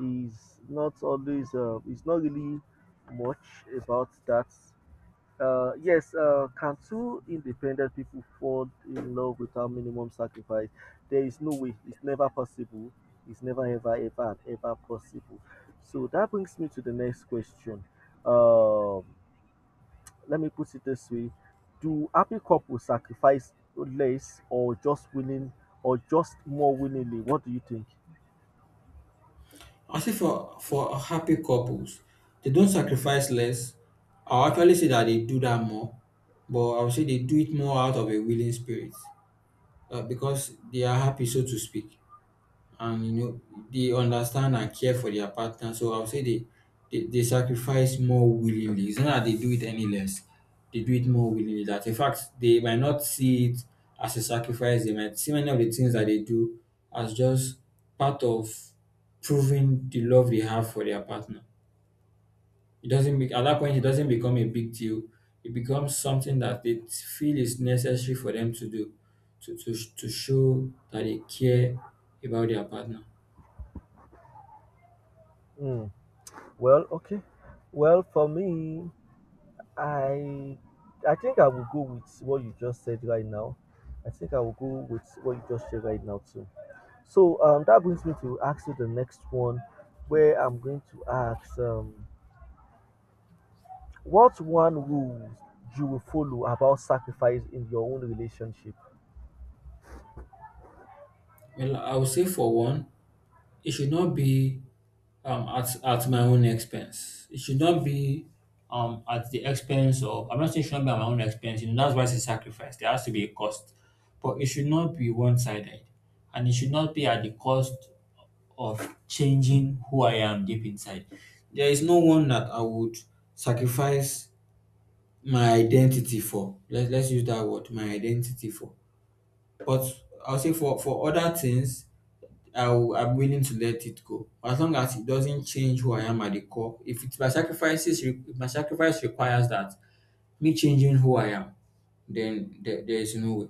S1: is not always, it's not really much about that. Yes, can two independent people fall in love without minimum sacrifice? There is no way. It's never possible. It's never, ever, ever, and ever possible. So that brings me to the next question. Um, let me put it this way, do happy couples sacrifice less, or just willing, or just more willingly? What do you think?
S2: I say for happy couples, they don't sacrifice less. I'll actually say that they do that more, but I would say they do it more out of a willing spirit because they are happy, so to speak, and you know they understand and care for their partner. So I would say they sacrifice more willingly. It's not that they do it any less. They do it more willingly. That in fact they might not see it as a sacrifice. They might see many of the things that they do as just part of proving the love they have for their partner. It doesn't make at that point it doesn't become a big deal. It becomes something that they feel is necessary for them to do to show that they care about their partner.
S1: Hmm. Well, okay. Well, for me, I I think I will go with what you just said right now. I think I will go with what you just said right now too. So that brings me to ask you the next one, where I'm going to ask what one rule you will follow about sacrifice in your own relationship.
S2: Well, I would say for one, it should not be at my own expense. It should not be at the expense of, I'm not saying it should not be at my own expense. You know, that's why it's a sacrifice. There has to be a cost. But it should not be one sided. And it should not be at the cost of changing who I am deep inside. There is no one that I would sacrifice my identity for. Let's use that word, my identity for. But I'll say for, other things, I'm willing to let it go. As long as it doesn't change who I am at the core. If it, my sacrifices, re- if my sacrifice requires that me changing who I am, then there is no way.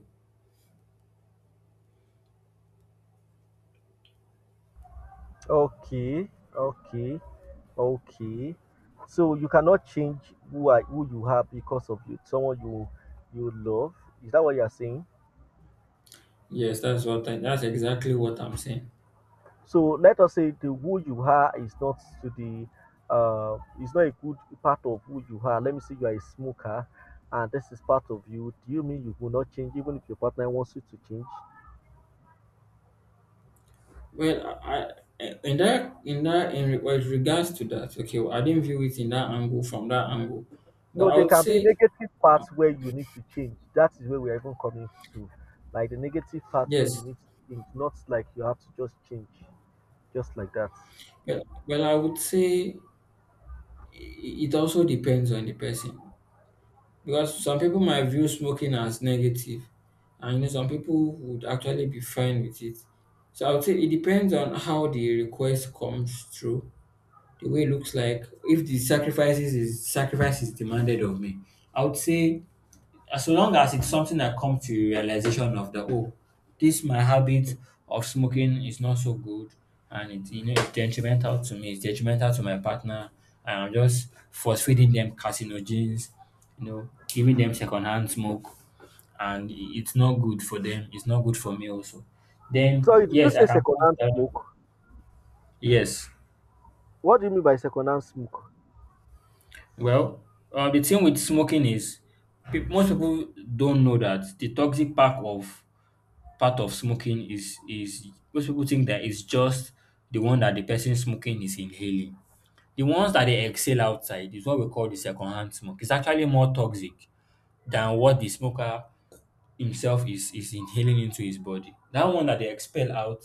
S1: Okay, okay, okay. So you cannot change who are who you are because of you someone you you love. Is that what you are saying?
S2: Yes, that's what that's exactly what I'm saying.
S1: So let us say the who you are is not to the is not a good part of who you are. Let me say you are a smoker and this is part of you. Do you mean you will not change even if your partner wants you to change?
S2: Well, I in that in that in re- well, with regards to that, okay, well, I didn't view it in that angle from that angle, but
S1: No,
S2: I
S1: there
S2: would
S1: can be
S2: say
S1: negative parts where you need to change. That is where we are even coming to. Like the negative parts where you
S2: yes.
S1: need to change, not like you have to just change, just like that.
S2: Well, well I would say it also depends on the person. Because some people might view smoking as negative, and you know some people would actually be fine with it. So I would say it depends on how the request comes through, the way it looks like. If the sacrifices is sacrifice is demanded of me, I would say as long as it's something that comes to realization of that, oh, this my habit of smoking is not so good and it you know it's detrimental to me, it's detrimental to my partner, and I'm just force feeding them carcinogens, you know, giving them secondhand smoke, and it's not good for them, it's not good for me also. Then
S1: So, did you
S2: yes,
S1: say
S2: I can come
S1: secondhand
S2: to that.
S1: smoke?
S2: Yes.
S1: What do you mean by secondhand smoke?
S2: Well, the thing with smoking is most people don't know that the toxic part of smoking is most people think that it's just the one that the person smoking is inhaling. The ones that they exhale outside is what we call the secondhand smoke. It's actually more toxic than what the smoker himself is inhaling into his body. That one that they expel out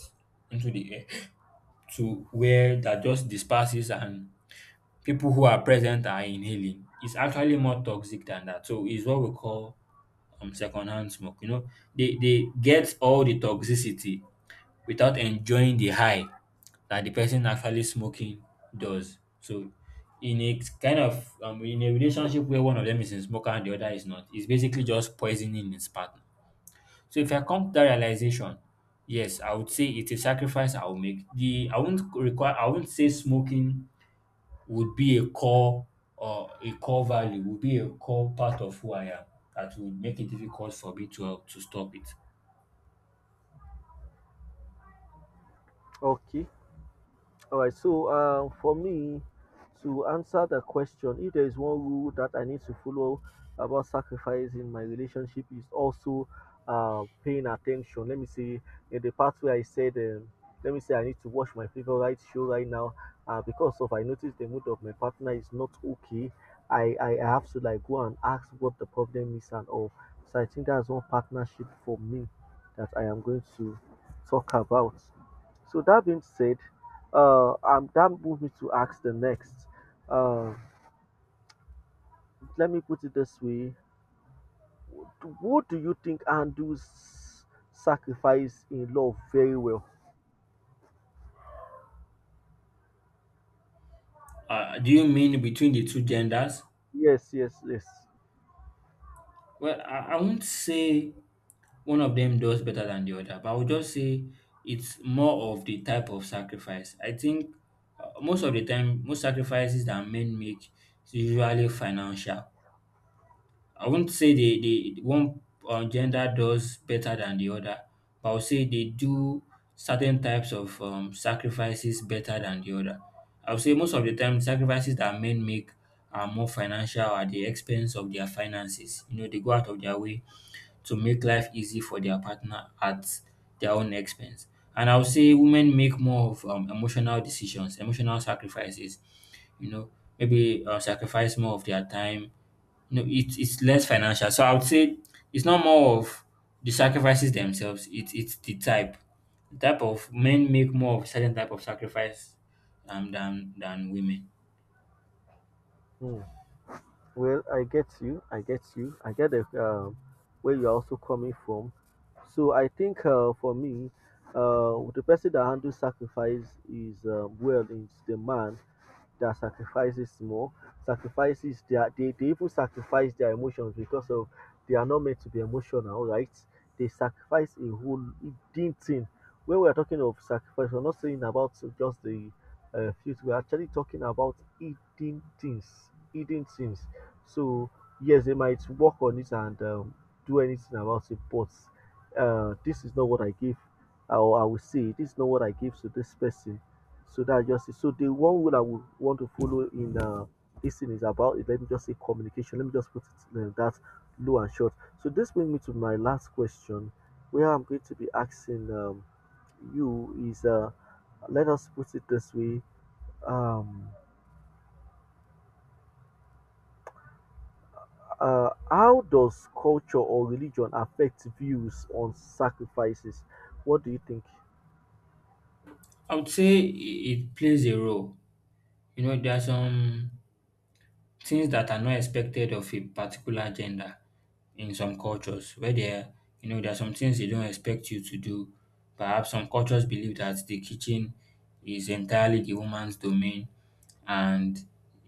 S2: into the air to where that just disperses and people who are present are inhaling is actually more toxic than that. So it's what we call secondhand smoke. You know, they get all the toxicity without enjoying the high that the person actually smoking does. So in a kind of in a relationship where one of them is a smoker and the other is not, it's basically just poisoning his partner. So if I come to that realization, yes, I would say it's a sacrifice I will make. The I won't require I won't say smoking would be a core or a core value, would be a core part of who I am that would make it difficult for me to stop it.
S1: Okay. All right. So, for me to answer the question, if there is one rule that I need to follow about sacrifice in my relationship, is also paying attention. Let me see, in the part where I said, let me say I need to watch my favorite show right now, because of I noticed the mood of my partner is not okay. I have to, like, go and ask what the problem is and all. So I think that's one partnership for me that I am going to talk about. So that being said, that moves me to ask the next. Uh, let me put it this way: what do you think handles sacrifice in love very well?
S2: Do you mean between the two genders?
S1: Yes, yes, yes.
S2: Well, I won't say one of them does better than the other, but I would just say it's more of the type of sacrifice. I think most of the time, most sacrifices that men make is usually financial. I won't say the one gender does better than the other, but I would say they do certain types of sacrifices better than the other. I would say most of the time, sacrifices that men make are more financial at the expense of their finances. You know, they go out of their way to make life easy for their partner at their own expense. And I would say women make more of emotional decisions, emotional sacrifices. You know, maybe sacrifice more of their time. You know, it's less financial. So I would say it's not more of the sacrifices themselves. It it's the type of men make more of certain type of sacrifice than women.
S1: Hmm. Well, I get you. I get you. I get the where you're also coming from. So I think for me, the person that handles sacrifice is well is the man that sacrifices more, sacrifices their, they even sacrifice their emotions because of they are not meant to be emotional, right? They sacrifice a whole deep thing. When we are talking of sacrifice, we're not saying about just the fruit. We're actually talking about eating things, eating things. So yes, they might work on it and do anything about it, but this is not what I give, or I will say, this is not what I give to this person so that just it. So the one rule I would want to follow in this thing is about is, let me just say communication. Let me just put it that low and short. So this brings me to my last question, where I'm going to be asking you is let us put it this way. Um, how does culture or religion affect views on sacrifices? What do you think?
S2: I would say it plays a role. You know, there are some things that are not expected of a particular gender in some cultures where there you know there are some things they don't expect you to do. Perhaps some cultures believe that the kitchen is entirely the woman's domain and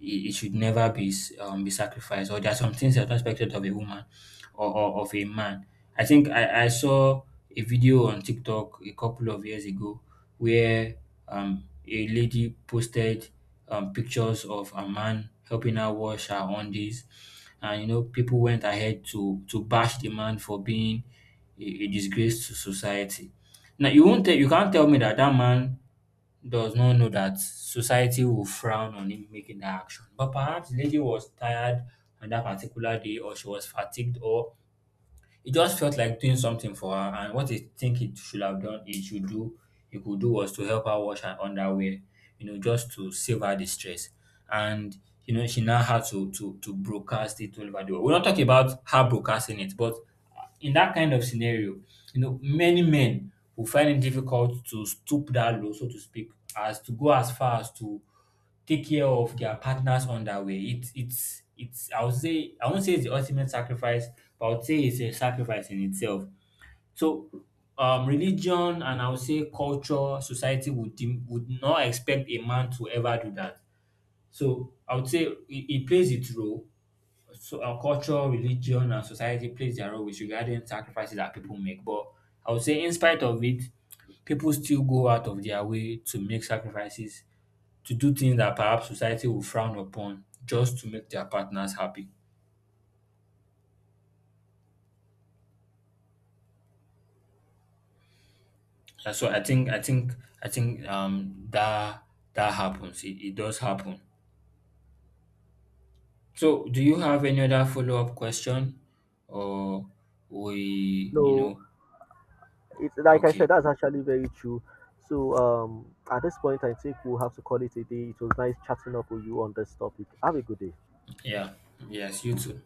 S2: it should never be be sacrificed. Or there are some things that are not expected of a woman or of a man. I think I saw a video on TikTok a couple of years ago where a lady posted pictures of a man helping her wash her undies. And you know, people went ahead to bash the man for being a disgrace to society. Now you won't tell, you can't tell me that that man does not know that society will frown on him making that action. But perhaps the lady was tired on that particular day, or she was fatigued, or it just felt like doing something for her, and what I think it should have done, it should do, it could do was to help her wash her underwear, you know, just to save her the stress. And you know, she now had to broadcast it all over the world. We're not talking about her broadcasting it, but in that kind of scenario, you know, many men will find it difficult to stoop that low, so to speak, as to go as far as to take care of their partners on that way. It's I would say I won't say it's the ultimate sacrifice, but I would say it's a sacrifice in itself. So religion and I would say culture, society would would not expect a man to ever do that. So I would say it plays its role. So our culture, religion, and society plays their role with regarding sacrifices that people make. But I would say in spite of it, people still go out of their way to make sacrifices to do things that perhaps society will frown upon just to make their partners happy. And so I think that that happens. It does happen. So do you have any other follow up question or we you
S1: No,
S2: know
S1: it's like I said,
S2: okay.
S1: that's actually very true. So at this point, I think we'll have to call it a day. It was nice chatting up with you on this topic. Have a good day.
S2: Yeah. Yes, you too.